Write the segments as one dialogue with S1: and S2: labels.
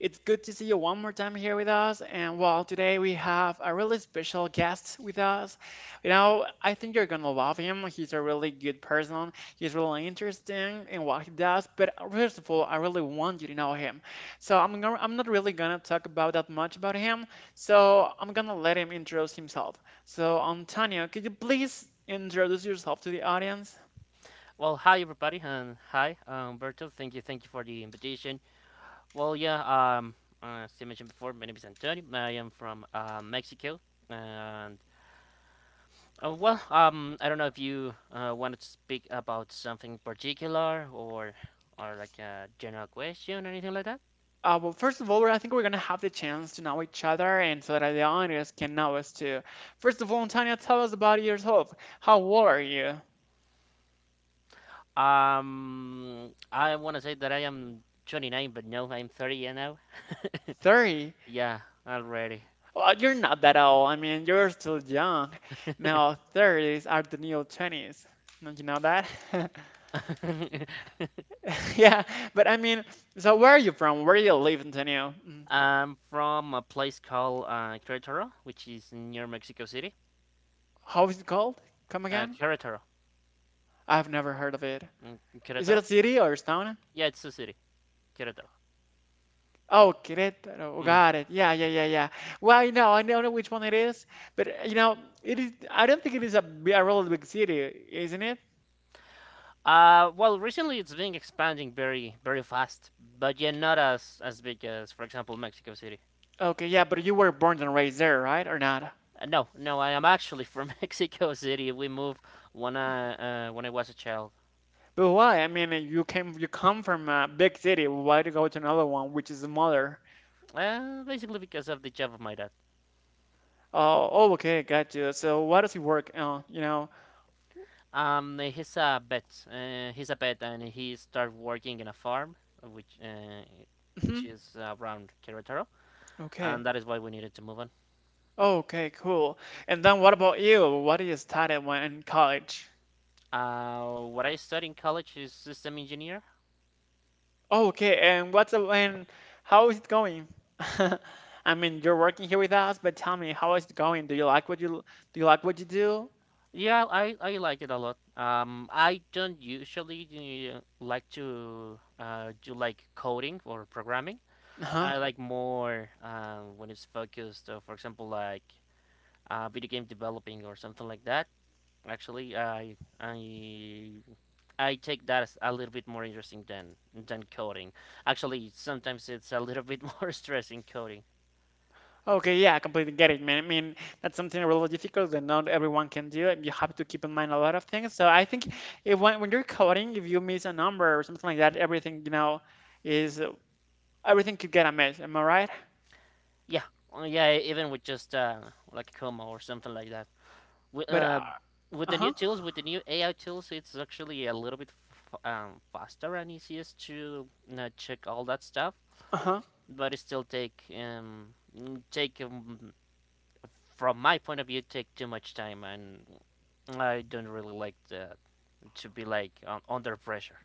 S1: It's good to see you one more time here with us. And well, today we have a really special guest with us. You know, I think you're going to love him. He's a really good person. He's really interesting in what he does. But first of all, I really want you to know him. So I'm not really going to talk about that much about him. So I'm going to let him introduce himself. So, Antonio, could you please introduce yourself to the audience?
S2: Well, hi everybody, and hi, Umberto. Thank you for the invitation. Well, as you mentioned before, my name is Antonio. I am from Mexico, and I don't know if you wanted to speak about something particular or like a general question or anything like that.
S1: Well, first of all, I think we're gonna have the chance to know each other and so that the audience can know us too. First of all, Tanya, tell us about yourself. How old are you?
S2: I want to say that I am 29, but no, I'm 30 now.
S1: 30?
S2: Yeah, already.
S1: Well, you're not that old. I mean, you're still young. Now, 30s are the new 20s. Don't you know that? Yeah, but I mean, so where are you from? Where do you live, Antonio?
S2: I'm from a place called Querétaro, which is near Mexico City.
S1: How is it called? Come again?
S2: Querétaro.
S1: I've never heard of it.
S2: Mm,
S1: Is it a
S2: Querétaro?
S1: city or a town?
S2: Yeah, it's a city. Querétaro.
S1: Oh, Querétaro. Oh,
S2: Hmm.
S1: got it. Yeah, yeah, yeah, yeah. Well, I know, I don't know which one it is, but you know, it is. I don't think it is a really big city, isn't it?
S2: Well, recently it's been expanding very, very fast, but yeah, not as big as, for example, Mexico City.
S1: Okay, yeah, but you were born and raised there, right, or not?
S2: No, no, I am actually from Mexico City. We moved when I when I was a child,
S1: But why? I mean, you come from a big city. Why to go to another one, which is smaller?
S2: basically because of the job of my dad.
S1: Oh, oh, okay, got you. So, what does it work on? You know?
S2: He's a vet. He's a vet, and he started working in a farm, uh, which uh, which
S1: Hmm.
S2: is around Querétaro,
S1: Okay.
S2: and that is why we needed to move on.
S1: Okay, cool. And then what about you? What do you study when in college?
S2: What I studied in college is system engineer.
S1: Oh, okay. And what's up? And how is it going? I mean, you're working here with us, but tell me, how is it going? Do you like what you do?
S2: Yeah, I like it a lot. I don't usually like to do like coding or programming.
S1: Huh?
S2: I like more when it's focused, for example, like video game developing or something like that. Actually, I take that as a little bit more interesting than coding. Actually, sometimes it's a little bit more stressing coding.
S1: Okay, yeah, I completely get it, man. I mean, that's something really difficult that not everyone can do, and you have to keep in mind a lot of things. So I think if when, when you're coding, if you miss a number or something like that, everything, you know, is everything could get a mess. Am I right?
S2: Yeah, yeah, even with just like a comma or something like that. With,
S1: But
S2: uh, with the new
S1: uh-huh,
S2: tools, with the new AI tools, it's actually a little bit faster and easiest to check all that stuff.
S1: uh-huh.
S2: But it still take from my point of view take too much time, and I don't really like to be like under pressure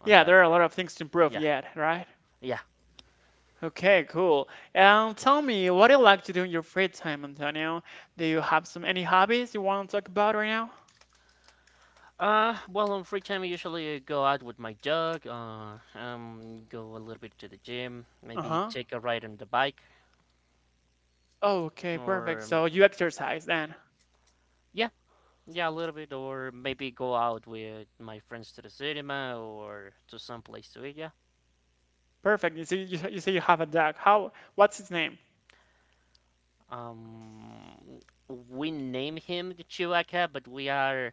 S2: on
S1: Yeah,
S2: that
S1: there are a
S2: part.
S1: lot of things to improve
S2: Yeah,
S1: yet, right?
S2: yeah.
S1: Okay, cool. Tell me, what do you like to do in your free time, Antonio? Do you have some any hobbies you want to talk about right now?
S2: Well, on free time, I usually go out with my dog. Go a little bit to the gym. Maybe
S1: Uh-huh.
S2: take a ride on the bike,
S1: Okay, perfect.
S2: or
S1: So you exercise then.
S2: yeah, yeah, a little bit, or maybe go out with my friends to the cinema or to some place to eat. Yeah.
S1: Perfect. You say you have a dog. How? What's his name?
S2: Um, we name him the Chihuahua, but we are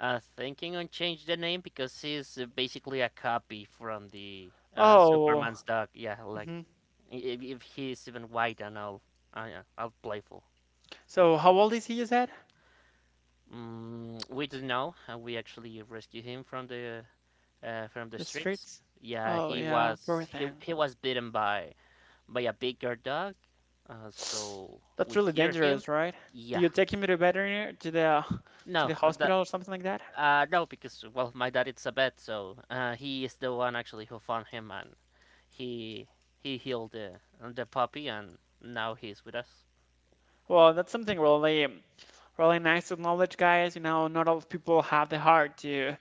S2: thinking on change the name because he's basically a copy from the
S1: Oh.
S2: Superman's dog. Yeah, like
S1: Hmm.
S2: If he's even white, and I, I'll playful.
S1: So how old is he, you said?
S2: We don't know. We actually rescued him from the
S1: The
S2: streets.
S1: streets?
S2: Yeah,
S1: Oh yeah, poor thing.
S2: he was bitten by a bigger dog, so
S1: That's
S2: we
S1: really
S2: cure him.
S1: dangerous, right? Do
S2: Yeah,
S1: you take him to the veterinary, to
S2: no,
S1: the
S2: uh, the,
S1: hospital or something like that?
S2: no, because well, my dad is a vet, so he is the one actually who found him, and he he healed the puppy, and now he's with us.
S1: Well, that's something really. Really nice to knowledge, guys. You know, not all people have the heart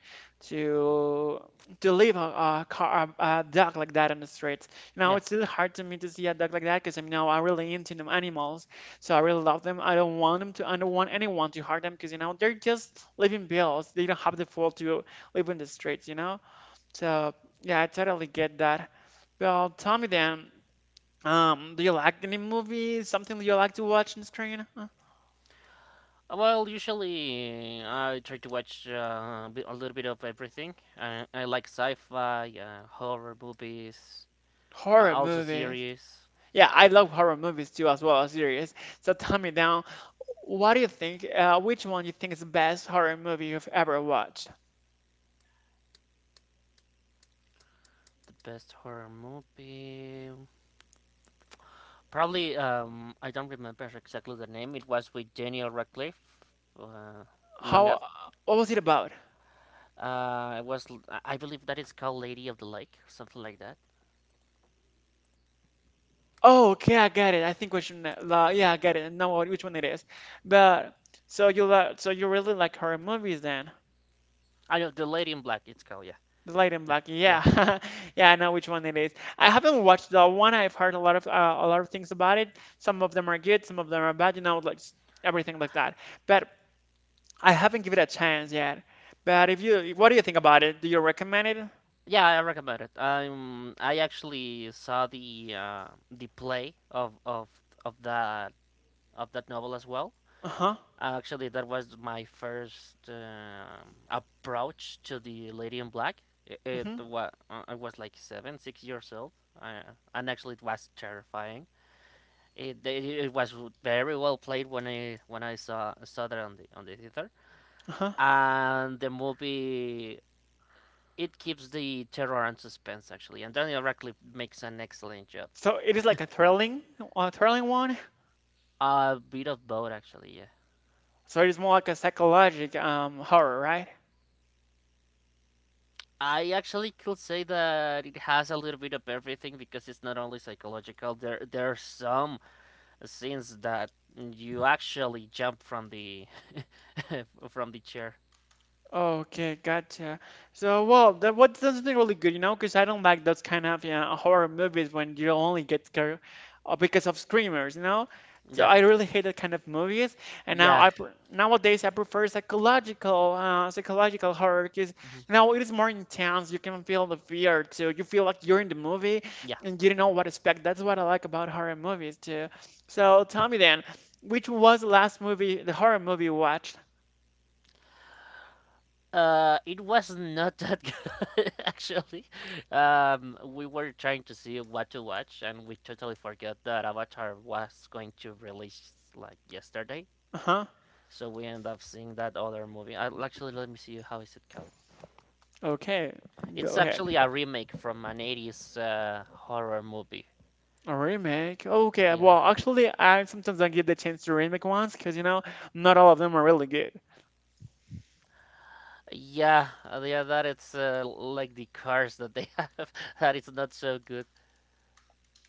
S1: to to leave a dog like that on the streets. You know,
S2: Yeah.
S1: it's really hard to me to see a dog like that because I'm really into them animals, so I really love them. I don't want them to. I don't want anyone to hurt them because you know they're just living bills. They don't have the fault to live in the streets. You know, so yeah, I totally get that. Well, tell me then. Do you like any movies? Something you like to watch on screen?
S2: Well, usually I try to watch a little bit of everything. I like sci-fi, horror movies,
S1: Horror
S2: also
S1: movies.
S2: series.
S1: Yeah, I love horror movies too, as well as series. So tell me now, what do you think? Which one you think is the best horror movie you've ever watched?
S2: The best horror movie, probably. I don't remember exactly the name. It was with Daniel Radcliffe. Uh, Long
S1: How?
S2: after.
S1: What was it about?
S2: I believe that it's called Lady of the Lake, something like that.
S1: Oh, okay, I got it. I think which one? Yeah, I got it. Which one it is. But so you really like horror movies then?
S2: I know the Lady in Black. It's called, yeah,
S1: The Light and
S2: yeah,
S1: Black.
S2: yeah.
S1: Yeah, yeah, I know which one it is. I haven't watched that one. I've heard a lot of things about it. Some of them are good, some of them are bad. Everything like that. But I haven't given it a chance yet. But if you, what do you think about it? Do you recommend it?
S2: Yeah, I recommend it. I actually saw the play of of that of that novel as well.
S1: Uh-huh.
S2: Actually, that was my first approach to the Lady in Black.
S1: Hmm.
S2: I was like seven, 6 years old, uh, and actually it was terrifying. It was very well played when I saw that on the theater,
S1: Uh-huh.
S2: and the movie it keeps the terror and suspense actually, and Daniel Radcliffe makes an excellent job.
S1: So it is like a thrilling one.
S2: A bit of both actually, yeah.
S1: So it is more like a psychological horror, right?
S2: I actually could say that it has a little bit of everything because it's not only psychological. There are some scenes that you actually jump from the from the chair.
S1: Okay, gotcha. So, well, that what something really good, you know, because I don't like those kind of, yeah, horror movies when you only get scared because of screamers, you know. So
S2: Yeah,
S1: I really hate that kind of movies. And
S2: yeah,
S1: nowadays I prefer psychological psychological horror because
S2: mhm,
S1: you know it is more intense. You can feel the fear too. You feel like you're in the movie
S2: yeah.
S1: and you don't know what to expect. That's what I like about horror movies too. So tell me then, which was the last movie, the horror movie you watched?
S2: It was not that good actually. We were trying to see what to watch, and we totally forgot that Avatar was going to release like yesterday.
S1: Uh-huh.
S2: So we end up seeing that other movie. I actually, let me see how is it called.
S1: Okay,
S2: It's
S1: go
S2: actually
S1: ahead.
S2: a remake from an '80s horror movie.
S1: A remake. Okay,
S2: Yeah,
S1: well, actually, I sometimes I give the chance to remake ones because you know not all of them are really good.
S2: yeah. That it's like the cars that they have. That it's not so good.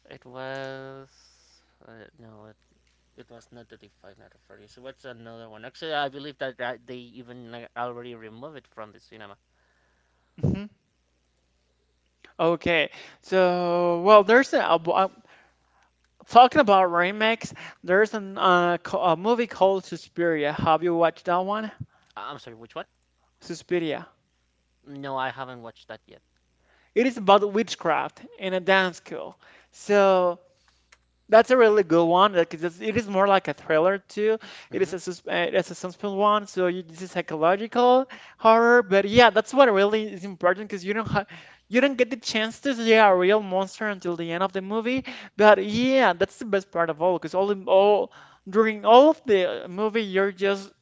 S2: It was. Uh, no, It was not 35, not 40. So what's another one? Actually, I believe that they even already removed it from the cinema.
S1: Hmm. Okay, so well, there's a- talking about remakes, a movie called Suspiria. Have you watched that one?
S2: I'm sorry, which one?
S1: Suspiria.
S2: No, I haven't watched that yet.
S1: It is about witchcraft in a dance school. So that's a really good one. It is more like a thriller too.
S2: Hmm.
S1: It's a suspense one, so you, this is psychological horror. But yeah, that's what really is important because you don't get the chance to see a real monster until the end of the movie. But yeah, that's the best part of all because all in all during all of the movie you're just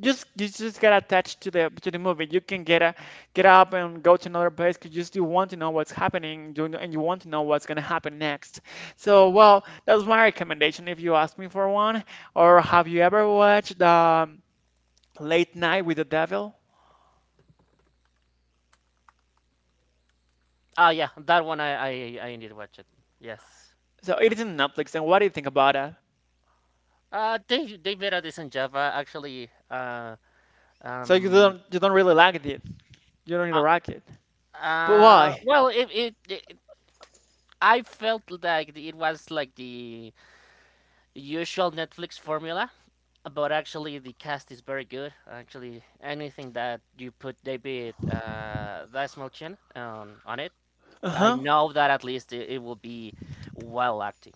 S1: just you just get attached to the movie. You can get a, Get up and go to another place because you still want to know what's happening, and you want to know what's gonna happen next. So well, that's my recommendation if you ask me for one. Or have you ever watched Late Night with the Devil?
S2: Ah, yeah, that one I indeed watched it. Yes.
S1: So it is in Netflix. And what do you think about that?
S2: They made a decent job. Actually, um,
S1: You don't really like it? You don't really
S2: uh,
S1: like it, but why?
S2: well, it, I felt like it was like the usual Netflix formula. But actually, the cast is very good. Actually, anything that you put David Dasmalchian on it,
S1: Uh
S2: I
S1: huh.
S2: know that at least it will be well acting.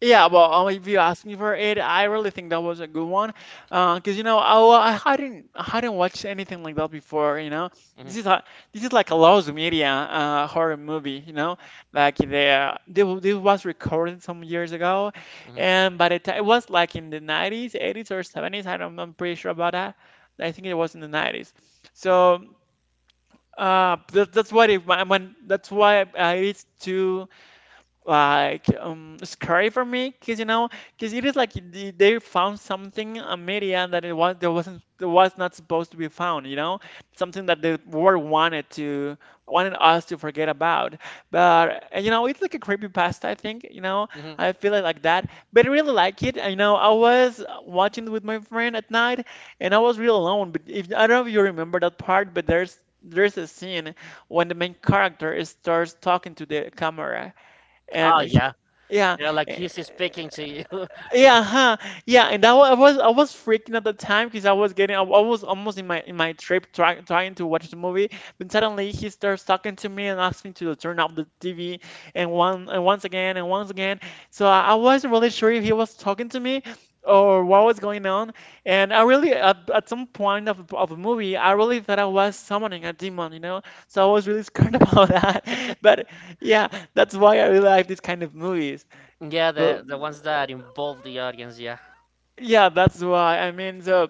S1: Yeah, well, if you ask me for it, I really think that was a good one, 'cause because you know, I hadn't watched anything like that before. You know,
S2: Hmm.
S1: this is a, this is like a lost media horror movie. You know, like the this this was recorded some years ago,
S2: Hmm.
S1: and by the time it was like in the 90s, 80s or 70s. I don't, I'm pretty sure about that. I think it was in the 90s. So that's why it, when that's why it is too like scary for me because you know because it is like they found something, a media that it was there wasn't that was not supposed to be found, you know, something that the world wanted to wanted us to forget about. But you know it's like a creepy past I think, you know.
S2: Hmm.
S1: I feel it like that, but I really like it. You know, I was watching it with my friend at night, and I was real alone. But if I don't know if you remember that part, but there's a scene when the main character starts talking to the camera
S2: Oh
S1: and
S2: yeah,
S1: yeah,
S2: yeah, like
S1: eh,
S2: he's speaking to you.
S1: yeah, huh, yeah, and I was freaking at the time because I was getting I wa- I was almost in my trip trying to watch the movie, but suddenly he starts talking to me and asks me to turn off the TV and one, and once again, and once again. So I wasn't really sure if he was talking to me or what was going on, and I really at some point of the movie I really thought I was summoning a demon, you know, so I was really scared about that, but yeah. That's why I really like these kind of movies.
S2: Yeah,
S1: Well,
S2: the ones that involve the audience. Yeah.
S1: yeah, that's why. I mean, the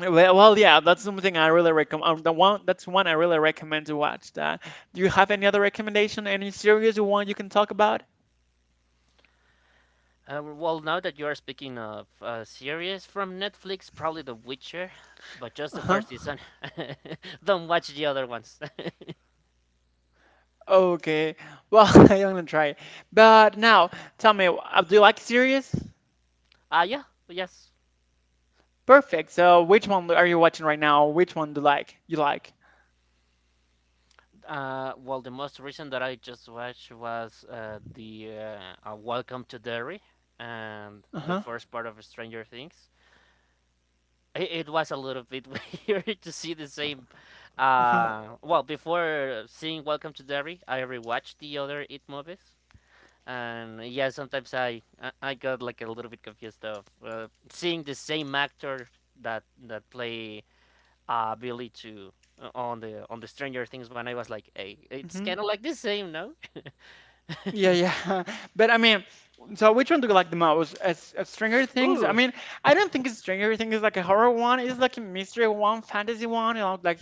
S1: well, well, Yeah, that's something I really recommend. The one that's One I really recommend to watch. That. Do you have any other recommendation? Any series you can talk about?
S2: Well, now that you are speaking of series from Netflix, probably The Witcher, but just the
S1: Uh-huh.
S2: first season. Don't watch the other ones.
S1: Okay. Well, I'm gonna try it. But now, tell me, do you like series?
S2: Ah, yeah, yes.
S1: Perfect. So, which one are you watching right now? Which one do you like? You like?
S2: Well, the most recent that I just watched was the Welcome to Derry and the
S1: Uh-huh.
S2: first part of Stranger Things. It was a little bit weird to see the same.
S1: Uh-huh.
S2: Well, before seeing Welcome to Derry, I rewatched the other It movies, and yeah, sometimes I got like a little bit confused of seeing the same actor that play Billy to on the Stranger Things when I was like, hey, it's kind of like the same, no?
S1: Yeah, yeah. But I mean, so which one do you like the most? As Stranger Things? I
S2: Ooh,
S1: mean, I don't think Stranger Things is like a horror one. It's like a mystery one, fantasy one, you know, like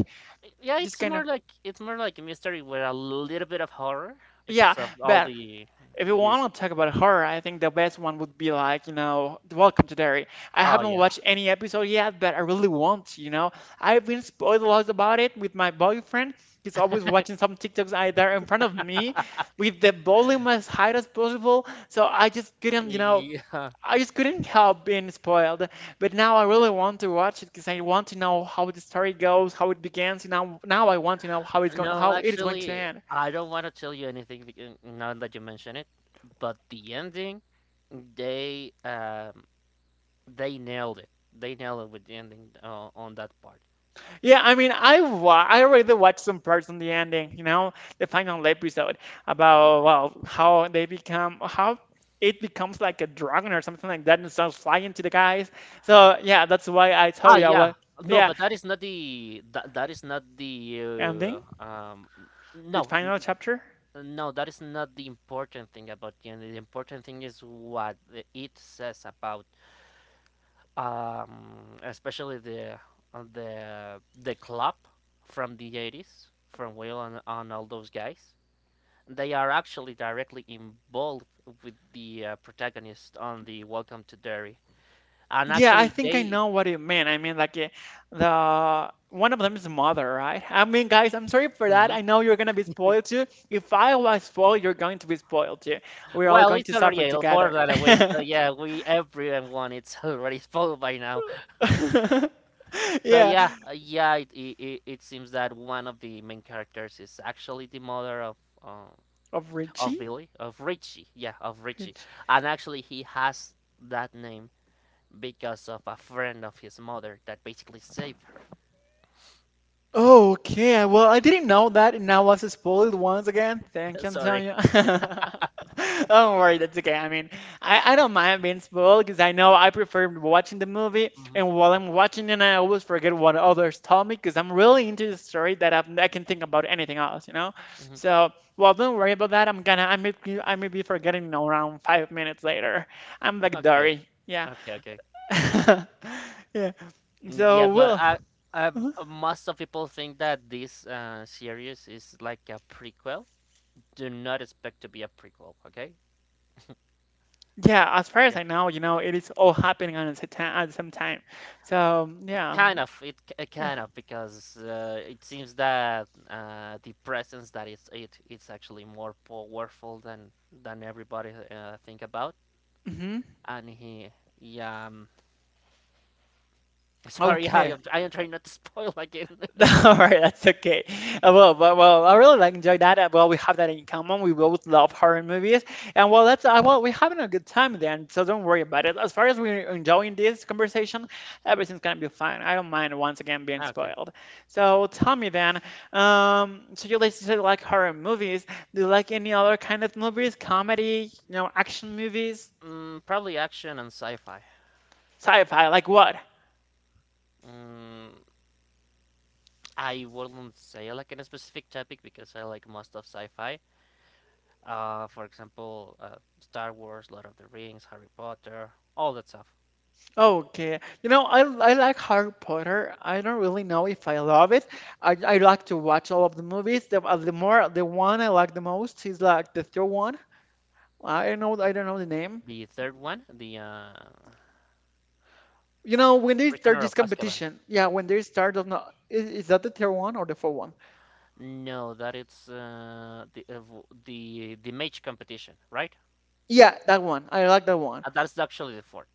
S2: yeah,
S1: this
S2: it's
S1: kind
S2: more
S1: of.
S2: like a mystery with a little bit of horror
S1: Yeah,
S2: because of all
S1: but
S2: the
S1: if you
S2: this.
S1: want to talk about horror, I think the best one would be like, you know, The Welcome to Derry. I
S2: Oh
S1: haven't
S2: yeah,
S1: watched any episode yet, but I really want to, you know. I've been spoiled a lot about it with my boyfriend. He's always watching some TikToks either in front of me with the volume as high as possible. So I just couldn't, you know.
S2: yeah.
S1: I just couldn't help being spoiled. But now I really want to watch it because I want to know how the story goes, how it begins. Now I want to know how it's going,
S2: No,
S1: how it is going to
S2: actually,
S1: end.
S2: I don't want to tell you anything because now that you mention it, but the ending, they um they nailed it. They nailed it with the ending on that part.
S1: Yeah, I mean, I already watched some parts on the ending. You know, the final episode about well how they become how. It becomes like a dragon or something like that and starts flying to the guys. So yeah, that's why I told
S2: Ah
S1: you I
S2: yeah,
S1: was
S2: no,
S1: yeah
S2: but that is not that is not the
S1: ending the
S2: no.
S1: final chapter.
S2: No, that is not the important thing about gender. The important thing is what it says about, especially the the club from the 80s, from Will and all those guys. They are actually directly involved with the protagonist on the Welcome to Derry, and
S1: Yeah, I
S2: actually
S1: think I
S2: they.
S1: know what you mean. I mean, the one of them is mother, right? I mean, guys, I'm sorry for that.
S2: Mhm.
S1: I know you're gonna be spoiled too. If I was spoiled, you're going to be spoiled too. We're all
S2: Well,
S1: going
S2: it's
S1: to
S2: already
S1: suffer
S2: more
S1: together.
S2: than a week, so yeah, we everyone it's already full by now. So
S1: Yeah,
S2: yeah, yeah, it seems that one of the main characters is actually the mother uh,
S1: of
S2: of
S1: Richie.
S2: Billy of Richie, yeah, of Richie,
S1: Richie.
S2: and actually he has that name because of a friend of his mother that basically saved her.
S1: Okay, well, I didn't know that, and I was spoiled once again. Thank you,
S2: Sorry.
S1: Antonio. Don't worry, that's okay. I mean, I don't mind being spoiled because I know I prefer watching the movie,
S2: Hmm.
S1: and while I'm watching it, I always forget what others told me because I'm really into the story that I can think about anything else, you know?
S2: Hmm.
S1: So, well, don't worry about that. I may be forgetting around 5 minutes later. I'm like
S2: Okay.
S1: Dory. Yeah.
S2: Okay. Okay.
S1: Yeah. So,
S2: Yeah,
S1: Will.
S2: most of people think that this series is like a prequel. Do not expect to be a prequel. Okay.
S1: Yeah, as far as I know, you know, it is all happening at the same time. At the same time. So yeah.
S2: Kind of, because it seems that the presence that it's it it's actually more powerful than everybody think about.
S1: hmm
S2: And he, yeah, sorry,
S1: Okay.
S2: I am trying not to spoil again.
S1: All right, that's okay. I really like enjoy that. Well, we have that in common. We both love horror movies, and well, that's well, we're having a good time then. So don't worry about it. As far as we're enjoying this conversation, everything's gonna be fine. I don't mind once again being
S2: Okay.
S1: spoiled. So tell me then. So you like horror movies? Do you like any other kind of movies? Comedy, you know, action movies,
S2: Mm, probably action and sci-fi.
S1: sci-fi, like what?
S2: Mm, I wouldn't say like in a specific topic because I like most of sci-fi. For example, Star Wars, Lord of the Rings, Harry Potter, all that stuff.
S1: Okay. You know, I like Harry Potter. I don't really know if I love it. I like to watch all of the movies. The one I like the most is like the third one. I don't know the name.
S2: The third one, the
S1: You know, when they start
S2: Prisoner
S1: this
S2: of Azkaban.
S1: competition, yeah, when they start, I don't know, is that the third one or the fourth one?
S2: No, that it's the mage competition, right?
S1: Yeah, that one. I like that one.
S2: That's actually the fourth,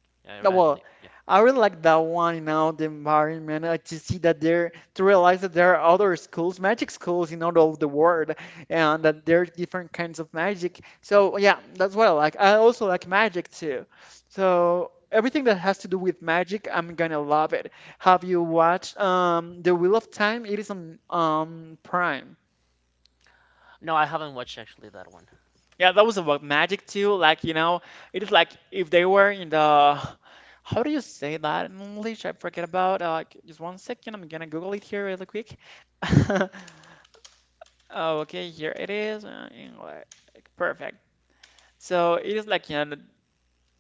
S2: I
S1: Well,
S2: believe. Yeah.
S1: I really like that one, you know, the environment, to see that to realize that there are other schools, magic schools in all over the world, and that there are different kinds of magic. So yeah, that's what I like. I also like magic too. So everything that has to do with magic, I'm gonna love it. Have you watched The Wheel of Time? It is on Prime.
S2: No, I haven't watched actually that one.
S1: Yeah, that was about magic too. Like, you know, it is like if they were in the how do you say that in English? I forget about. Just one second, I'm gonna Google it here really quick. Oh, okay, here it is. English, perfect. So it is like you know, the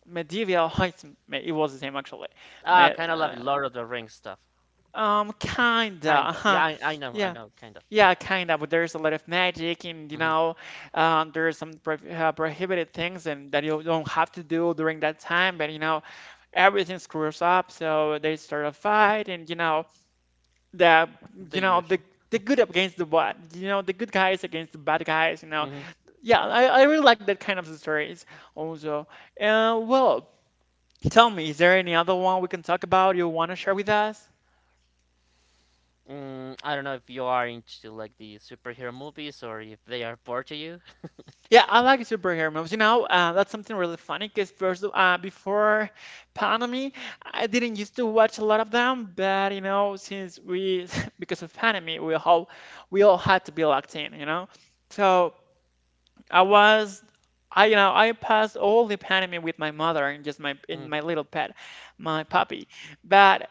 S1: medieval. It was the same actually.
S2: Ah,
S1: Me,
S2: kind of love
S1: uh,
S2: it, Lord of the Rings stuff.
S1: kinda.
S2: Kinda.
S1: Uh-huh.
S2: Yeah, I
S1: Yeah.
S2: know, kinda.
S1: Yeah, kind of. There's a lot of magic, and you
S2: Hmm.
S1: know, there some pro prohibited things and that you don't have to do during that time. But you know, everything screws up, so they start a fight, and you know, the you
S2: The
S1: know the
S2: usual.
S1: the good against the bad, you know, the good guys against the bad guys. You know,
S2: Hmm.
S1: yeah, I really like that kind of stories also. Well, tell me, is there any other one we can talk about you want to share with us?
S2: Mm, I don't know if you are into like the superhero movies or if they are bored to you.
S1: Yeah, I like superhero movies. You know, that's something really funny because first, before pandemic, I didn't used to watch a lot of them. But you know, since we, because of pandemic, we all had to be locked in. You know, so I was, I passed all the pandemic with my mother and just my in
S2: Mm.
S1: my little pet, my puppy. But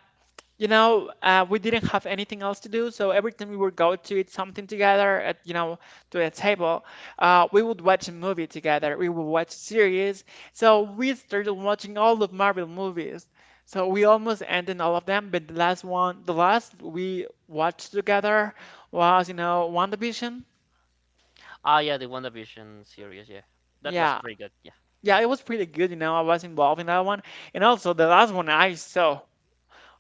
S1: you know, we didn't have anything else to do, so every time we would go to eat something together at, you know, to a table, we would watch a movie together. We would watch series. So we started watching all of Marvel movies. So we almost ended all of them, but the last one, the last we watched together was, you know, WandaVision.
S2: Ah, yeah, the WandaVision series. Yeah, that was
S1: Yeah.
S2: pretty good. Yeah.
S1: Yeah, it was pretty good, you know. I was involved in that one. And also the last one I saw,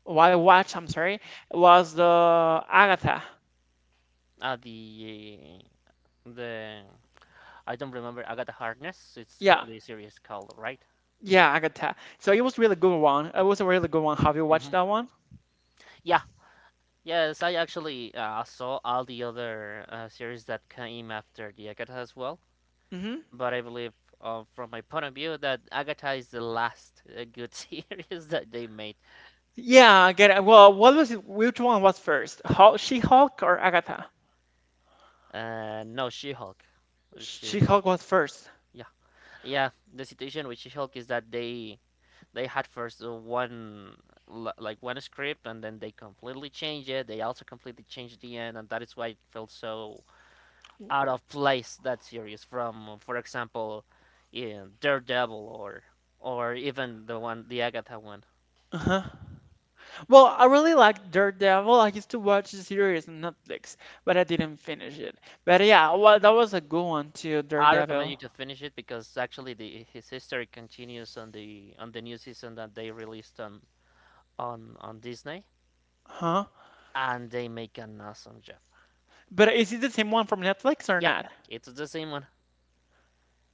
S1: or I watched, I'm sorry, was the Agatha.
S2: Ah, the I don't remember Agatha Harkness. It's
S1: Yeah,
S2: the series called, right?
S1: yeah, I could tell. So it was really good one. It was a really good one. Have you
S2: Hmm.
S1: watched that one?
S2: Yeah. Yes, I actually saw all the other series that came after the Agatha as well.
S1: Hmm
S2: But I believe, from my point of view, that Agatha is the last good series that they made.
S1: Yeah, I get it. Well, what was it? Which one was first? Hulk, She-Hulk or Agatha?
S2: No, She-Hulk. She-Hulk.
S1: She-Hulk was first.
S2: Yeah, yeah. The situation with She-Hulk is that they had first like one script and then they completely changed it. They also completely changed the end, and that is why it felt so out of place that series from, for example, in Daredevil or or even the Agatha one.
S1: Uh-huh. Well, I really like Daredevil. I used to watch the series on Netflix, but I didn't finish it. But yeah, well, that was a good one too,
S2: I recommend you
S1: Daredevil.
S2: to finish it because actually the his history continues on the new season that they released on on Disney,
S1: Huh?
S2: and they make an awesome job.
S1: But is it the same one from Netflix or
S2: Yep,
S1: not?
S2: it's the same one.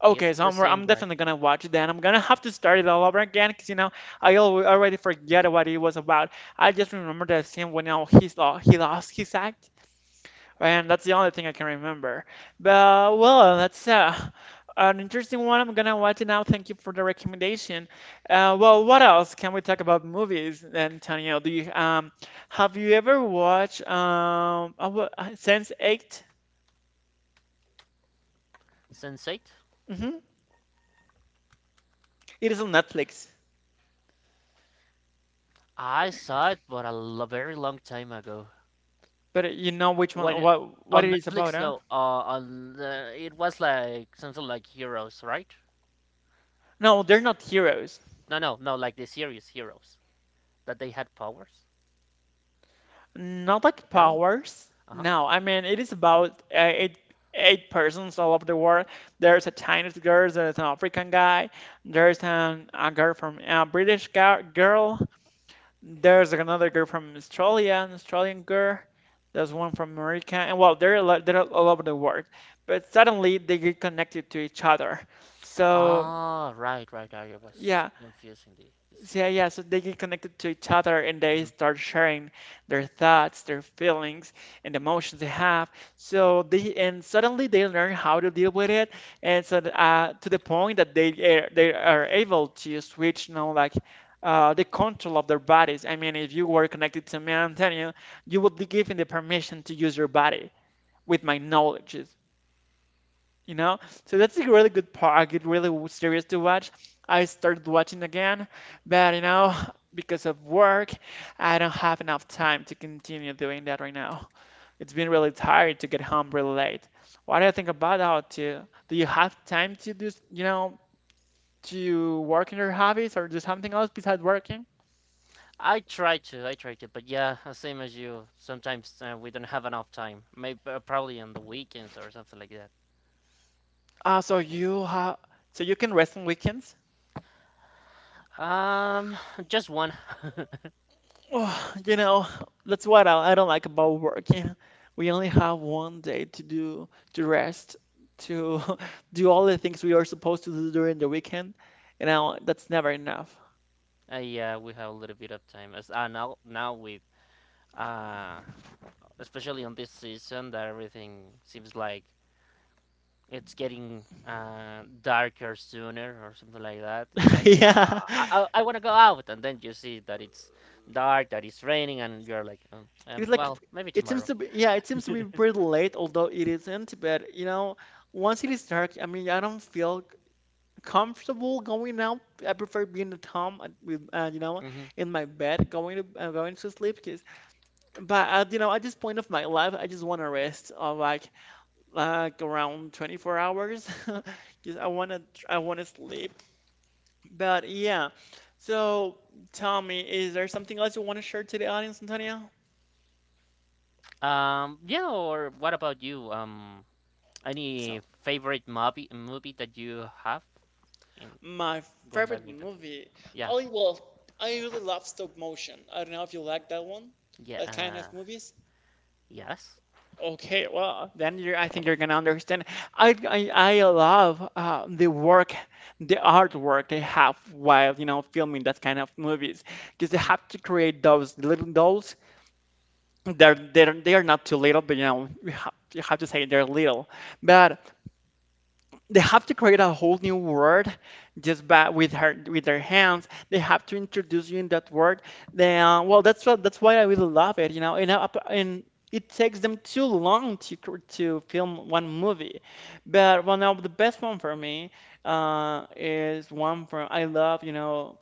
S1: Okay,
S2: It's
S1: so
S2: the same
S1: I'm
S2: guy.
S1: definitely gonna watch it then. I'm gonna have to start it all over again because you know I al already forget what it was about. I just remember the scene when you know, he lost his act, and that's the only thing I can remember. But well, that's an interesting one. I'm gonna watch it now. Thank you for the recommendation. Well, what else can we talk about movies, Antonio? Do you have you ever watched Sense8?
S2: Sense8.
S1: Mm-hmm. It is on Netflix.
S2: I saw it but very long time ago.
S1: But you know which one,
S2: When
S1: what
S2: on
S1: it is about,
S2: Netflix
S1: huh?
S2: though, it was like something like Heroes, right?
S1: No, they're not heroes.
S2: No, no, no, like the serious heroes that they had powers.
S1: Not like
S2: No?
S1: powers.
S2: Uh-huh.
S1: No, I mean it is about eight persons all over the world. There's a Chinese girl, there's an African guy, there's a girl from a girl, there's another girl from Australia, an Australian girl, there's one from America, and well, they're all over the world. But suddenly they get connected to each other. So
S2: Ah, right, right, right. I was
S1: yeah,
S2: confusing the
S1: so, yeah, yeah.
S2: series.
S1: So they get connected to each other and they
S2: Mhm.
S1: start sharing their thoughts, their feelings, and emotions they have. So they and suddenly they learn how to deal with it, and so to the point that they are able to switch, you know, like the control of their bodies. I mean, if you were connected to me, Antonio, you would be given the permission to use your body with my knowledge you know? So that's a really good part, a good, really serious to watch. I started watching again, but you know, because of work, I don't have enough time to continue doing that right now. It's been really tired to get home really late. What do you think about that too? Do you have time to do, you know, to work on your hobbies or do something else besides working?
S2: I try to, but yeah, same as you. Sometimes we don't have enough time. Maybe probably on the weekends or something like that.
S1: Uh, so you have, so you can rest on weekends?
S2: Um, just one.
S1: Oh, you know, that's what I don't like about working. We only have one day to rest, to do all the things we are supposed to do during the weekend, and now that's never enough.
S2: Yeah, we have a little bit of time. As now with uh, especially on this season that everything seems like it's getting darker sooner or something like that. It's like
S1: Yeah,
S2: I want to go out, and then you see that it's dark, that it's raining, and you're like,
S1: it's like
S2: well, maybe tomorrow.
S1: it seems to be pretty late, although it isn't. But you know, once it is dark, I mean, I don't feel comfortable going out. I prefer being at home with you know
S2: Hmm.
S1: in my bed going to going to sleep 'cause but at, you know, at this point of my life, I just want to rest of like around 24 hours because I want to sleep. But yeah, so tell me, is there something else you want to share to the audience, Antonio?
S2: Yeah. Or what about you? Any
S1: So
S2: favorite movie that you have in
S1: my
S2: going back
S1: favorite
S2: with the
S1: movie,
S2: yeah
S1: oh well, I really love stop motion. I don't know if you like that one,
S2: yeah
S1: that kind of movies.
S2: yes.
S1: Okay, well, then you I think you're gonna understand. I love the work, the artwork they have while filming that kind of movies, because they
S2: Hmm.
S1: have to create those little dolls. They are not too little, but you have to say they're little, but they have to create a whole new word just by with their hands. They have to introduce you in that word. Then that's why I really love it, and, and it takes them too long to to film one movie. But one of the best one for me, is one from, I love,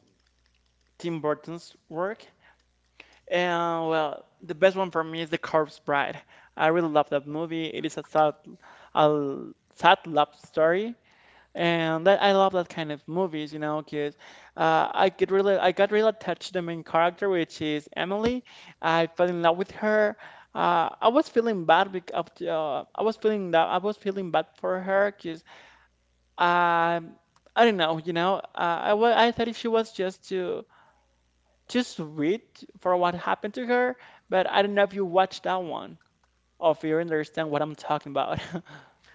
S1: Tim Burton's work, and well, the best one for me is The Corpse Bride. I really love that movie. It is a sad, a sad love story, and that I love that kind of movies, you know, 'cause I got really attached to the main character, which is Emily. I fell in love with her. I was feeling bad because I was feeling bad for her, because I I don't know, you know, I thought she was just too sweet for what happened to her, but I don't know if you watched that one or if you understand what I'm talking about.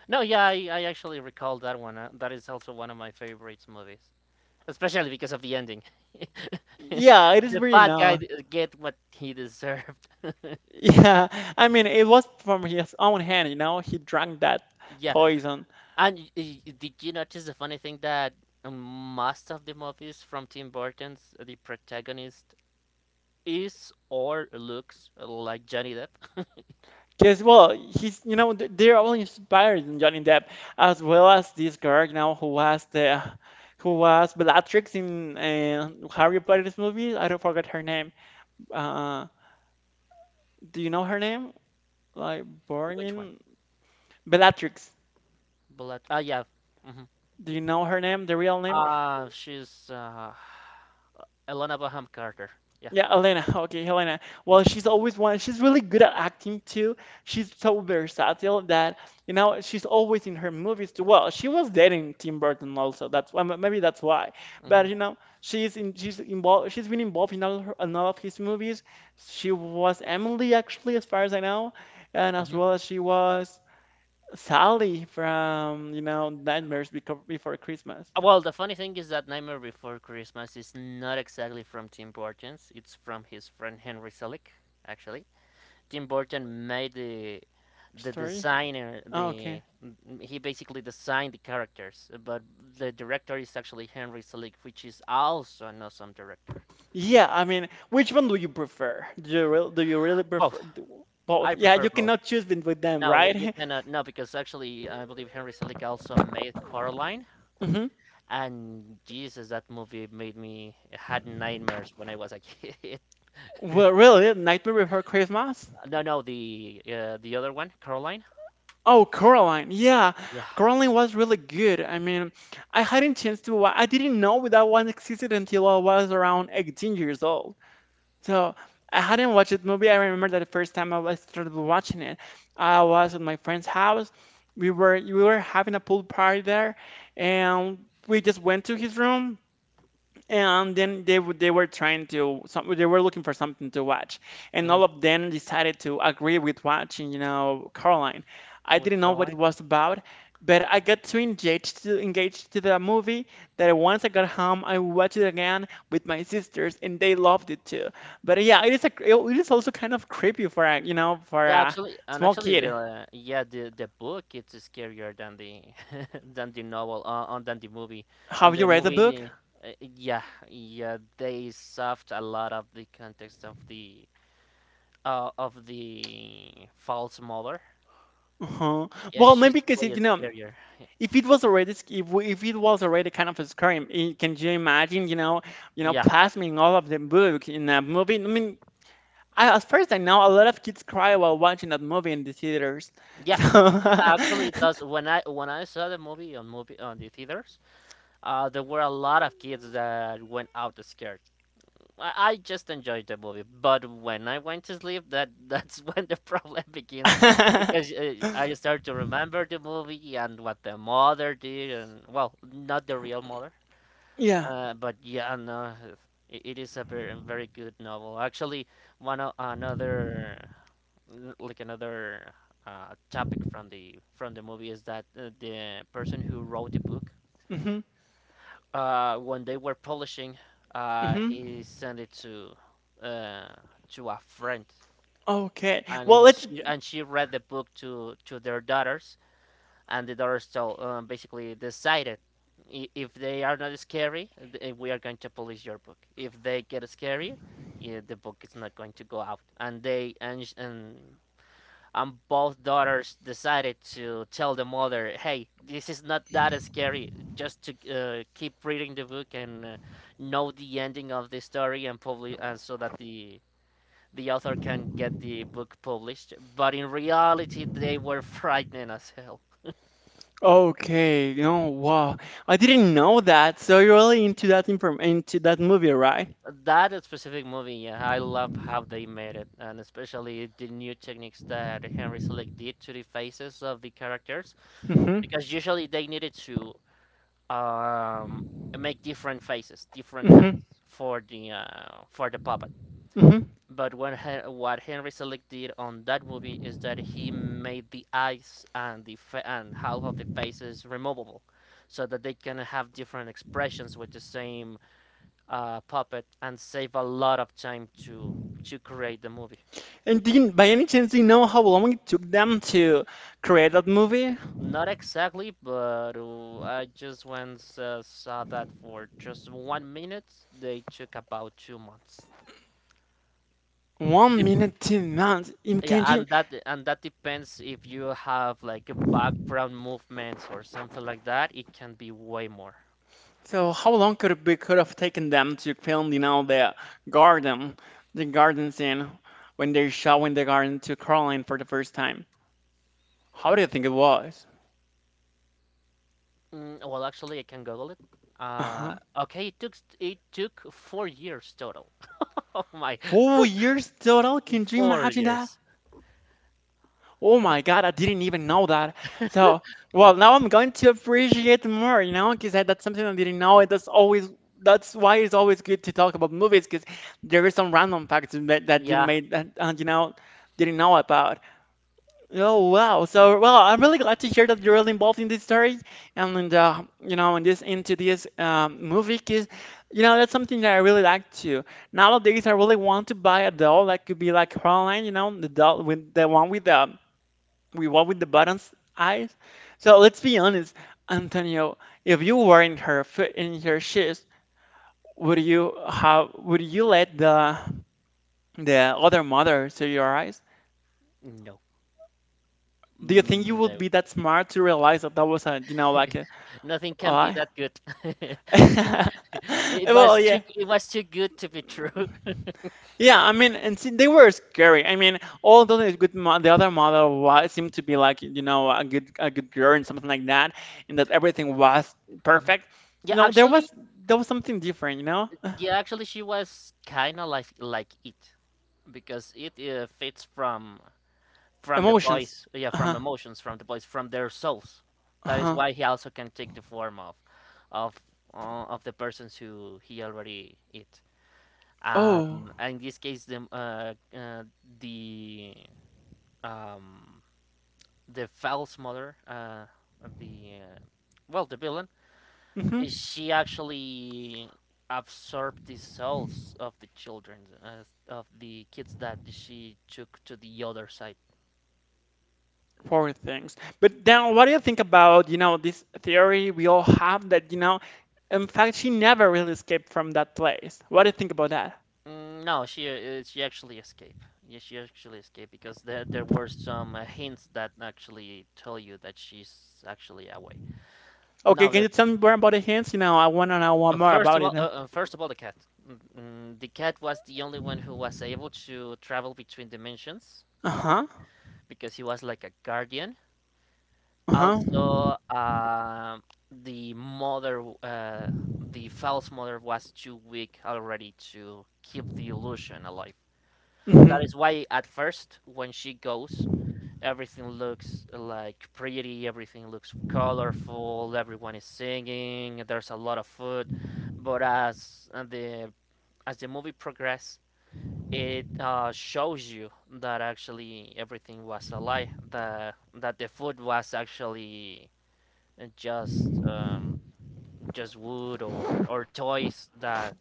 S2: No, yeah, I actually recall that one. That is also one of my favorite movies, especially because of the ending.
S1: Yeah, it is
S2: The
S1: really
S2: bad guy
S1: nice.
S2: get what he deserved.
S1: Yeah, I mean, it was from his own hand, you know, he drank that
S2: Yeah,
S1: poison.
S2: and did you notice the funny thing that most of the movies from Tim Burton's, the protagonist is or looks like Johnny Depp?
S1: Because, well, he's, you know, they're all inspired in Johnny Depp, as well as this girl, who was who was Bellatrix in Harry Potter's movie. I don't forget her name. Uh, do you know her name? Like,
S2: Which one?
S1: Boromir? Bellatrix.
S2: Blood. Ah, yeah. Hmm.
S1: Do you know her name, the real name?
S2: She's Elena Bonham Carter. Yeah.
S1: Yeah, Elena. Okay, Helena. Well, she's always one. She's really good at acting too. She's so versatile that she's always in her movies too. Well, she was dating Tim Burton also. That's why, maybe that's why. But
S2: Hmm.
S1: you know she's in she's involved. She's been involved in all, in all of his movies. She was Emily, actually, as far as I know, and as well as she was Sally from, Nightmares Before Christmas
S2: Well, the funny thing is that Nightmare Before Christmas is not exactly from Tim Burton's. It's from his friend Henry Selick, actually. Tim Burton made the
S1: story.
S2: designer
S1: Oh, okay.
S2: the he basically designed the characters, but the director is actually Henry Selick, which is also an awesome director.
S1: Yeah, I mean, which one do you prefer? Do you really prefer
S2: Both.
S1: both?
S2: I
S1: Yeah,
S2: prefer
S1: you
S2: both.
S1: cannot choose between them,
S2: No, what you
S1: right?
S2: cannot no because actually I believe Henry Selick also made Coraline.
S1: hmm
S2: And Jesus, that movie made me had nightmares when I was a kid.
S1: Well, really, Nightmare Before Christmas?
S2: No, no, the other one, Caroline.
S1: Oh, Coraline. Yeah,
S2: Yeah,
S1: Coraline was really good. I mean, I hadn't chance to wa I didn't know that one existed until I was around 18 years old. So I hadn't watched the movie. I remember that the first time started watching it, I was at my friend's house. We were having a pool party there, and we just went to his room, and then they were trying to some they were looking for something to watch, and
S2: hmm,
S1: all of them decided to agree with watching, you know, Caroline. I
S2: with
S1: didn't know what it
S2: Caroline.
S1: was about, but I got too engaged to the movie that once I got home, I watched it again with my sisters, and they loved it too. But yeah, it is also kind of creepy for a, for
S2: Yeah,
S1: a
S2: actually, and
S1: small
S2: actually,
S1: kid.
S2: the yeah, the book it's scarier than the than the novel, on than the movie. On
S1: Have you
S2: the
S1: read the
S2: movie,
S1: book?
S2: the, yeah, they soft a lot of the context of the false mother.
S1: Uh-huh.
S2: Yeah,
S1: Well,
S2: she's
S1: maybe because
S2: way
S1: it, you know,
S2: scarier.
S1: if it was already if, if it was already kind of a scream, can you imagine, you know,
S2: Yeah,
S1: plasming all of the book in a movie? I mean, I, as far as I know, a lot of kids cry while watching that movie in the theaters.
S2: yeah,
S1: So,
S2: yeah. Actually, it does. When I saw the movie on the theaters, there were a lot of kids that went out scared. I just enjoyed the movie, but when I went to sleep, that's when the problem begins because I start to remember the movie and what the mother did, and well, not the real mother,
S1: yeah.
S2: but yeah, no, it is a very good novel. Actually, one o- another n- like another topic from the movie is that the person who wrote the book
S1: hmm
S2: when they were polishing,
S1: hmm
S2: he sent it uh, to a friend,
S1: Okay.
S2: and
S1: Well,
S2: he,
S1: let's.
S2: she and she read the book to their daughters, and the daughters told basically decided, "I- "if they are not scary, we are going to polish your book. If they get scary, yeah, the book is not going to go out." And they and sh- and both daughters decided to tell the mother, "Hey, this is not that scary. Just to keep reading the book and know the ending of the story, and probably and so that the author can get the book published." But in reality, they were frightening as hell.
S1: Okay. You know, wow. I didn't know that. So you're really into that inform into that movie, right?
S2: That specific movie, yeah, I love how they made it, and especially the new techniques that Henry Selick did to the faces of the characters,
S1: hmm
S2: because usually they needed to um, make different faces, different
S1: hmm
S2: hats for the puppet.
S1: hmm
S2: But what Henry Selick did on that movie is that he made the eyes and half of the faces removable, so that they can have different expressions with the same puppet and save a lot of time to create the movie.
S1: And do you, by any chance, do you know how long it took them to create that movie?
S2: Not exactly, but I just once saw that for just one minute, they took about two months.
S1: One
S2: The
S1: minute, 2 months. In
S2: Yeah,
S1: Imagine.
S2: and that depends if you have like a background movements or something like that. It can be way more.
S1: So how long could it be could have taken them to film, you know, garden, the garden scene when they're showing the garden to Caroline for the first time? How do you think it was?
S2: Mm, well, actually, I can Google it. Uh,
S1: Uh-huh.
S2: okay, it took four years total. Oh my,
S1: 4 years total. Can you
S2: four
S1: imagine that?
S2: years.
S1: Oh my God, I didn't even know that. So, well, now I'm going to appreciate more, you know, because that's something I didn't know. And that's always, that's why it's always good to talk about movies, because there is some random facts that, that you
S2: Yeah,
S1: made that you know, didn't know about. Oh wow! So, well, I'm really glad to hear that you're really involved in this story and in the, you know, in this into this movie, because you know that's something that I really like too. Nowadays, I really want to buy a doll that could be like Caroline, you know, the doll with the, we walk with the buttons eyes. So let's be honest, Antonio. If you were in her shoes, would you have, would you let the other mother see your eyes?
S2: no,
S1: Do you think you
S2: mm,
S1: would
S2: no,
S1: be that smart to realize that that was a, you know, like a
S2: nothing can be
S1: lie?
S2: that good.
S1: Well, yeah.
S2: It was too good to be true.
S1: Yeah, I mean, and see, they were scary. I mean, although the the other model was, seemed to be like, you know, a good girl and something like that, and that everything was
S2: Mhm.
S1: perfect.
S2: Yeah,
S1: You know, there was,
S2: actually,
S1: there was something different. You know,
S2: yeah, actually, she was kind of like it because it fits from the
S1: emotions.
S2: boys, yeah,
S1: Uh
S2: from
S1: huh.
S2: emotions from the boys, from their souls.
S1: Uh
S2: That is
S1: huh.
S2: why he also can take the form of, of the persons who he already eat.
S1: Oh.
S2: And in this case, the um, the foul's mother, the well, the villain,
S1: Mm-hmm.
S2: she actually absorbed the souls of the children, of the kids that she took to the other side.
S1: Poor things. But then, what do you think about, you know, this theory we all have that, you know, in fact, she never really escaped from that place. What do you think about that?
S2: Mm, no, she actually escaped. Yeah, she actually escaped because there were some hints that actually tell you that she's actually away.
S1: Okay,
S2: Now,
S1: can
S2: the,
S1: you tell me more about the hints? You know, I wanna know one more
S2: first of
S1: about
S2: all,
S1: it. Uh
S2: the cat. The cat was the only one who was able to travel between dimensions
S1: huh.
S2: because he was like a guardian.
S1: Uh-huh.
S2: Also, the mother, the false mother, was too weak already to keep the illusion alive. That is
S1: hmm
S2: why at first, when she goes, everything looks like pretty, everything looks colorful, everyone is singing, there's a lot of food. But as the movie progresses, it shows you that actually everything was a lie. That the food was actually just um, just wood or toys, that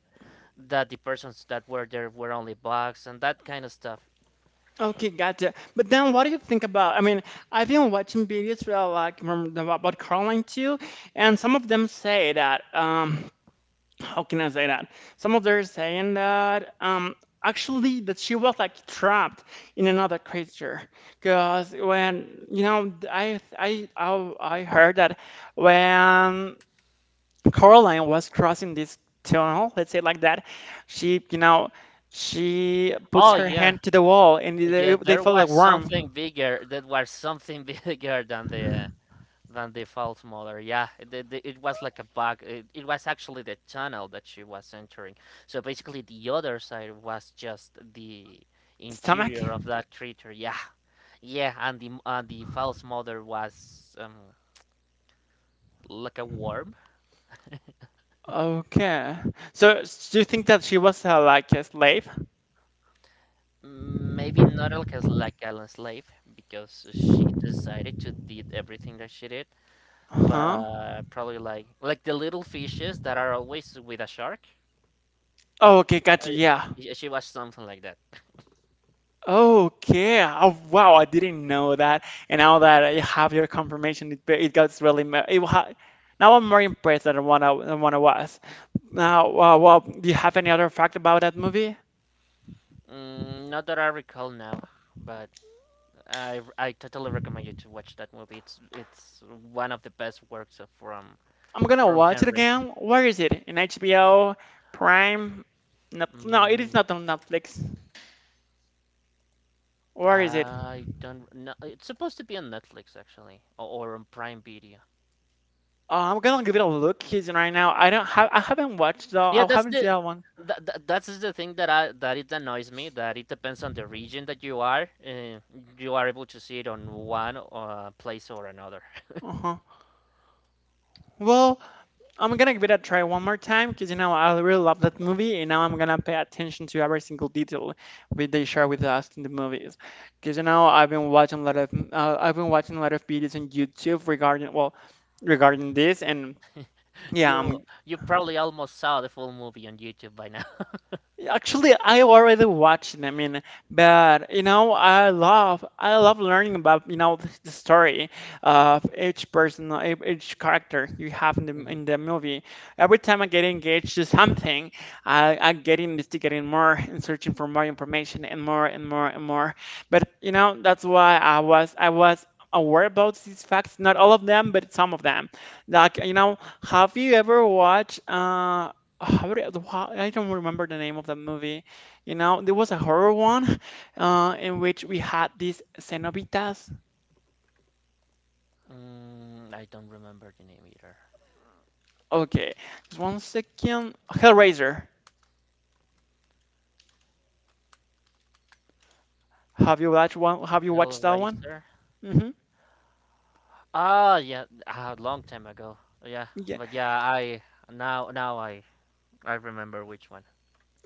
S2: the persons that were there were only bugs and that kind of stuff.
S1: Okay, gotcha. But then what do you think about? I mean, I've been watching videos for like about Caroline too, and some of them say that how can I say that? Some of them are saying that actually that she was like trapped in another creature, because when, you know, I heard that when Caroline was crossing this tunnel, let's say like that, she, you know, she puts
S2: Oh
S1: her
S2: yeah,
S1: hand to the wall and
S2: yeah,
S1: they
S2: there
S1: felt like
S2: was something
S1: warm,
S2: bigger. There was something bigger than the false mother. Yeah, it was like a bug. It was actually the tunnel that she was entering. So basically, the other side was just the
S1: stomach.
S2: interior of that creature. Yeah, yeah, and the false mother was like a worm.
S1: Okay. So do you think that she was like a slave?
S2: Maybe not like, as like a slave because she decided to did everything that she did,
S1: Huh?
S2: but probably like the little fishes that are always with a shark.
S1: Oh, okay,
S2: Uh,
S1: gotcha. Yeah.
S2: she was something like that.
S1: Okay. Oh, wow. I didn't know that. And now that I have your confirmation, it gets really. It, now I'm more impressed than what I was. Now, well, do you have any other fact about that movie?
S2: Mm, not that I recall now, but I totally recommend you to watch that movie. It's one of the best works
S1: I'm gonna
S2: from
S1: watch it
S2: Henry.
S1: again. Where is it? In HBO, Prime? No, no, it is
S2: Mm,
S1: not on Netflix. Where is it?
S2: I don't know. It's supposed to be on Netflix actually, or on Prime Video.
S1: I'm gonna give it a look, because right now I don't have, I haven't watched, though.
S2: Yeah,
S1: I haven't seen that one.
S2: that's the thing that I that it annoys me, that it depends on the region that you are. You are able to see it on one place or another.
S1: Uh-huh. Well, I'm gonna give it a try one more time, because you know I really love that movie, and now I'm gonna pay attention to every single detail that they share with us in the movies. Because you know I've been watching a lot of, I've been watching a lot of videos on YouTube regarding, well, regarding this, and yeah, I'm.
S2: You probably almost saw the full movie on YouTube by now.
S1: Actually, I already watched it. I mean, but you know, I love, I love learning about, you know, the story of each person, each character you have in the,
S2: hmm
S1: in the movie. Every time I get engaged to something, I get investigating more and searching for more information and more and more and more. But you know, that's why I was aware about these facts. Not all of them, but some of them. Like, you know, have you ever watched uh, ah, I don't remember the name of the movie. You know, there was a horror one, in which we had these cenobitas.
S2: Mm, I don't remember the name either.
S1: Okay, just 1 second. Hellraiser. Have you watched one? Have you watched that one?
S2: Hellraiser.
S1: Mm-hmm.
S2: Ah, yeah, a long time ago. Yeah,
S1: Yeah.
S2: but yeah, I now now I remember which one.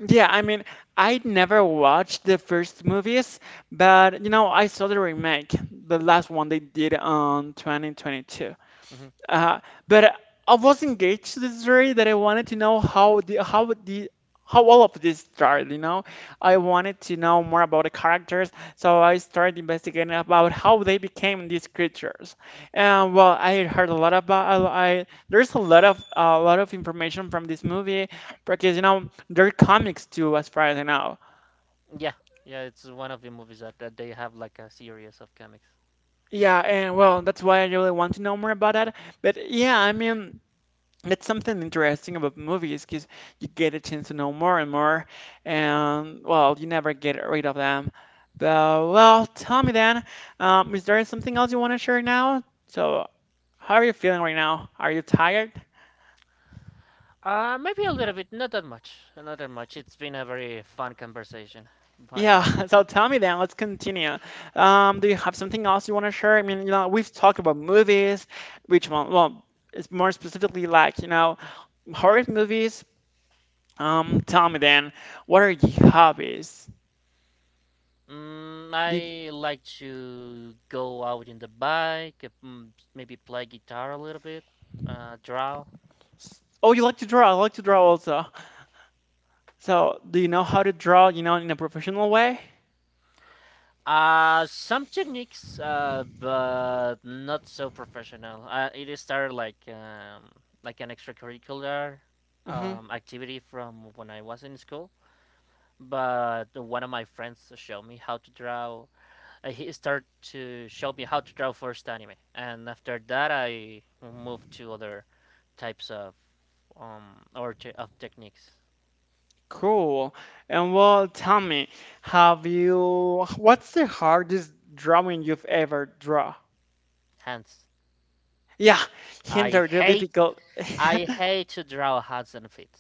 S1: Yeah, I mean, I never watched the first movies, but you know, I saw the remake, the last one they did on 2022.
S2: Hmm.
S1: Uh, but I was engaged to the story that I wanted to know how the, how all of this started, you know. I wanted to know more about the characters, so I started investigating about how they became these creatures. And well, I heard a lot about, I there's a lot of, information from this movie, because you know there are comics too, as far as I know.
S2: Yeah, yeah, it's one of the movies that, that they have like a series of comics.
S1: Yeah, and well, that's why I really want to know more about that. But yeah, I mean. That's something interesting about movies because you get a chance to know more and more, and well, you never get rid of them. But well, tell me then, is there something else you want to share now? So, how are you feeling right now? Are you tired?
S2: Maybe a little bit, not that much, not that much. It's been a very fun conversation by
S1: Yeah,
S2: now.
S1: so tell me then, let's continue. Do you have something else you want to share? I mean, you know, we've talked about movies, which one? Well, it's more specifically like, you know, horror movies. Tell me then, what are your hobbies?
S2: Mm,
S1: Do,
S2: I like to go out in the bike, maybe play guitar a little bit, draw.
S1: Oh, you like to draw? I like to draw also. So, do you know how to draw, you know, in a professional way?
S2: Some techniques, but not so professional. It is started like an extracurricular
S1: Hmm
S2: activity from when I was in school. But one of my friends showed me how to draw, he started to show me how to draw first anime, and after that I moved to other types of of techniques.
S1: Cool. And well, tell me, have you, what's the hardest drawing you've ever draw?
S2: Hands.
S1: Yeah, hints
S2: I
S1: are really
S2: hate
S1: difficult.
S2: I hate to draw hands and feet.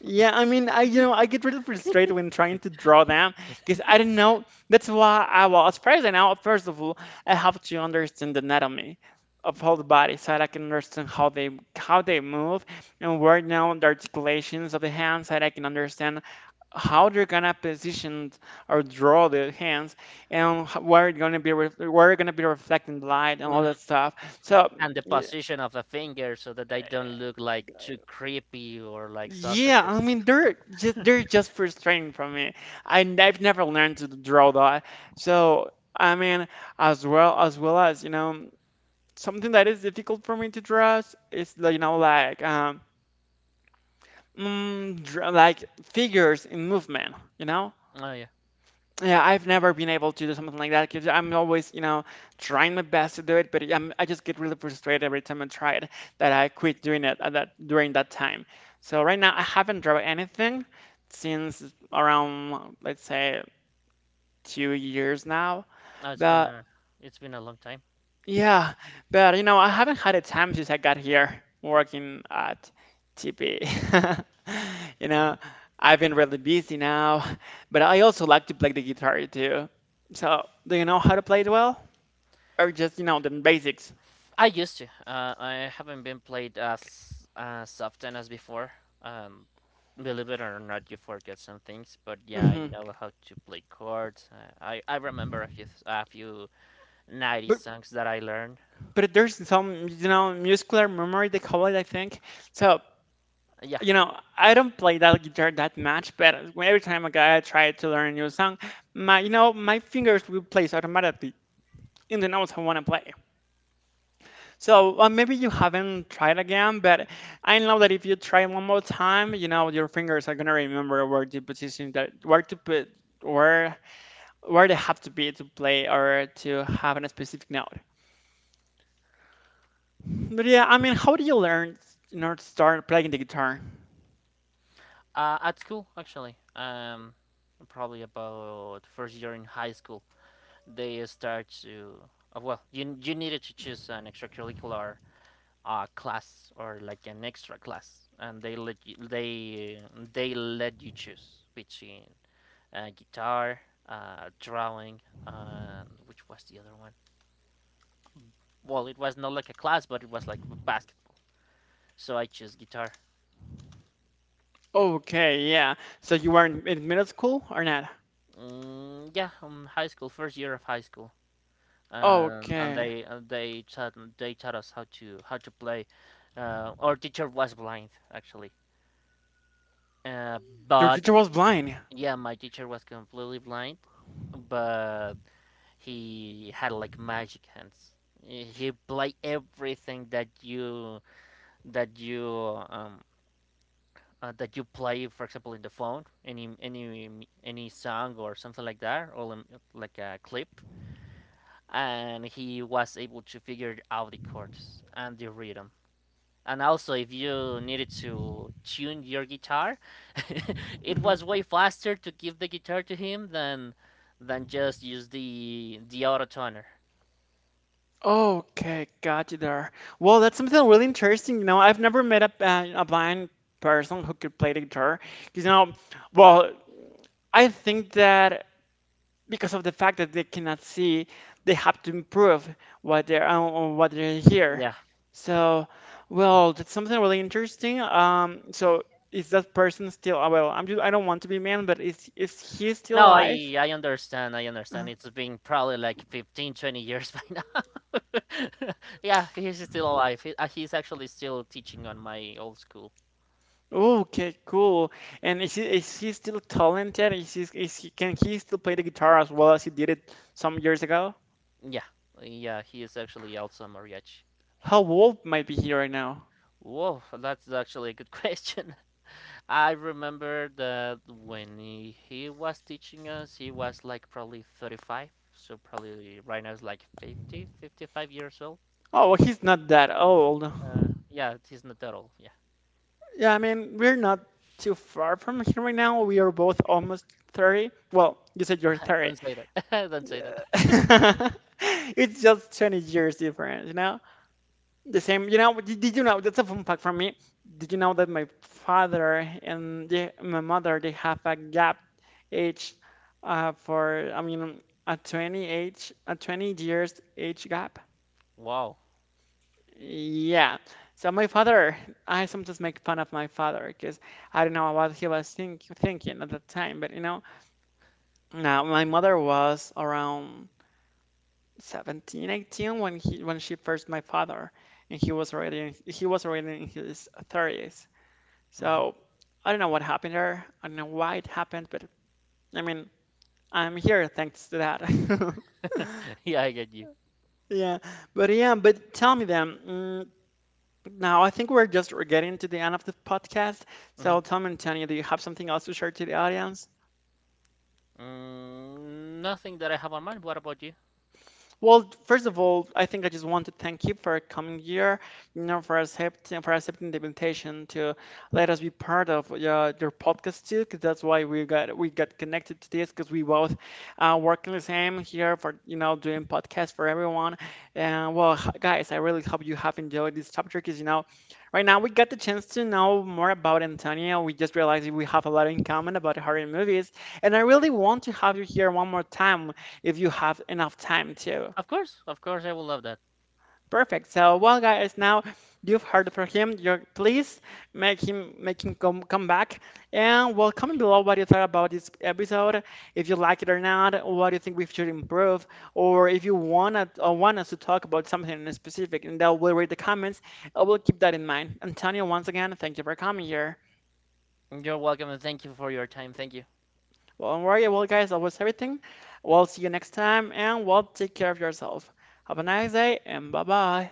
S1: Yeah, I mean, I get really frustrated when trying to draw them because I don't know. That's why I was first. And now, first of all, I have to understand the anatomy of all the body so that I can understand how they move and where now the articulations of the hands so that I can understand how they're gonna position or draw the hands and where it's gonna be where it's gonna be reflecting light and all
S2: Mhm.
S1: that stuff. So.
S2: And the
S1: yeah,
S2: position of the finger so that they don't look like too creepy or like
S1: Yeah, I
S2: sausages.
S1: mean they're just frustrating for me. I've never learned to draw that. So I mean, as well as well as you know, something that is difficult for me to draw is, like, you know like dra like figures in movement. You know,
S2: Oh yeah,
S1: yeah, I've never been able to do something like that because I'm always, you know, trying my best to do it, but I just get really frustrated every time I try it that I quit doing it at that during that time. So right now I haven't drawn anything since around, let's say, two years now.
S2: oh,
S1: But
S2: it's been a long time.
S1: yeah, but you know, I haven't had a time since I got here working at TP. You
S2: Mhm.
S1: know, I've been really busy now, but I also like to play the guitar too. So, do you know how to play it well? Or just, you know, the basics?
S2: I used to. I haven't been played as often as before. Um, believe it or not, you forget some things. But yeah, I
S1: Hmm
S2: know how to play chords. I remember a few '90s
S1: But
S2: songs that I learned.
S1: but there's some, you know, muscular memory they call it, I think. So,
S2: Yeah,
S1: you know, I don't play that guitar that much, but every time I try to learn a new song, my, you know, my fingers will place automatically in the notes I want to play. So maybe you haven't tried again, but I know that if you try one more time, you know your fingers are gonna remember where the position that where to put where where they have to be to play or to have a specific note. But yeah, I mean, how do you learn in order to start playing the guitar?
S2: at school actually. Probably about first year in high school, they start to. Well, you needed to choose an extracurricular a class or like an extra class, and they let you choose between guitar, drawing, and which was the other one. Well, it was not like a class, but it was like basketball. So I chose guitar.
S1: Okay, yeah. So you were in middle school or not?
S2: Mm, yeah, high school, first year of high school, and
S1: Okay,
S2: they taught us how to play. Our teacher was blind actually, uh,
S1: your
S2: but
S1: teacher was blind.
S2: yeah, my teacher was completely blind, but he had like magic hands. He played everything that you that you play, for example, in the phone, any song or something like that, or like a clip, and he was able to figure out the chords and the rhythm. And also, if you needed to tune your guitar, it was way faster to give the guitar to him than just use the auto toner.
S1: Okay, got you there. Well, that's something really interesting. You know, I've never met a blind person who could play the guitar. 'Cause, you know, well, I think that because of the fact that they cannot see, they have to improve what they're on what they hear.
S2: Yeah.
S1: So, well, that's something really interesting. So is that person still, well, I'm just, I don't want to be mean, but is he still
S2: No,
S1: alive?
S2: I understand. I
S1: Uh,
S2: understand. It's been probably like 15, 20 years by now. Yeah, he's still alive. He, he's actually still teaching on my old school.
S1: Oh, okay, cool. And is he still talented? Is he can he still play the guitar as well as he did it some years ago?
S2: Yeah, yeah, he is actually also mariachi.
S1: How old might be he right now?
S2: Whoa, that's actually a good question. I remember that when he was teaching us, he was like probably 35, so probably right now is like 50, 55 years old.
S1: Oh, well, he's not that old.
S2: Yeah, he's not that old. Yeah,
S1: Yeah, I mean, we're not too far from here right now. We are both almost 30. Well, you said you're 30.
S2: don't say that. Don't say that.
S1: It's just 20 years difference, you The same, you know, did you know, that's a fun fact for me. Did you know that my father my mother, they have a gap age I mean, a 20 years age gap?
S2: Wow.
S1: Yeah. So my father, I sometimes make fun of my father because I don't know what he was thinking at that time, but you know, now my mother was around 17, 18 when she first met my father, and he was already in his 30s.
S2: Mhm.
S1: So I don't know what happened there. I don't know why it happened, but I mean, I'm here thanks to that.
S2: Yeah, I get you.
S1: Yeah, but tell me then. Now I think we're getting to the end of the podcast.
S2: Hmm.
S1: So tell me, Antonio, do you have something else to share to the audience?
S2: Nothing that I have on mind. What about you?
S1: Well, first of all, I think I just want to thank you for coming here, you know, for accepting the invitation to let us be part of your podcast too, because that's why we got connected to this, because we both working the same here for you know doing podcasts for everyone. And well, guys, I really hope you have enjoyed this chapter, because you know, right now we got the chance to know more about Antonia. We just realized we have a lot in common about horror movies, and I really want to have you here one more time if you have enough time too.
S2: Of course, I will love that.
S1: Perfect. So, well, guys, now you've heard from him. You please make him come back, and well, comment below what you thought about this episode. If you like it or not, what you think we should improve, or if you wanna or want us to talk about something in specific, and that we'll read the comments. I will keep that in mind. Antonio, once again, thank you for coming here.
S2: You're welcome, and thank you for your time. Thank you.
S1: Well, don't worry. Well, guys, that was everything. We'll see you next time, and well, take care of yourself. Have a nice day, and bye bye.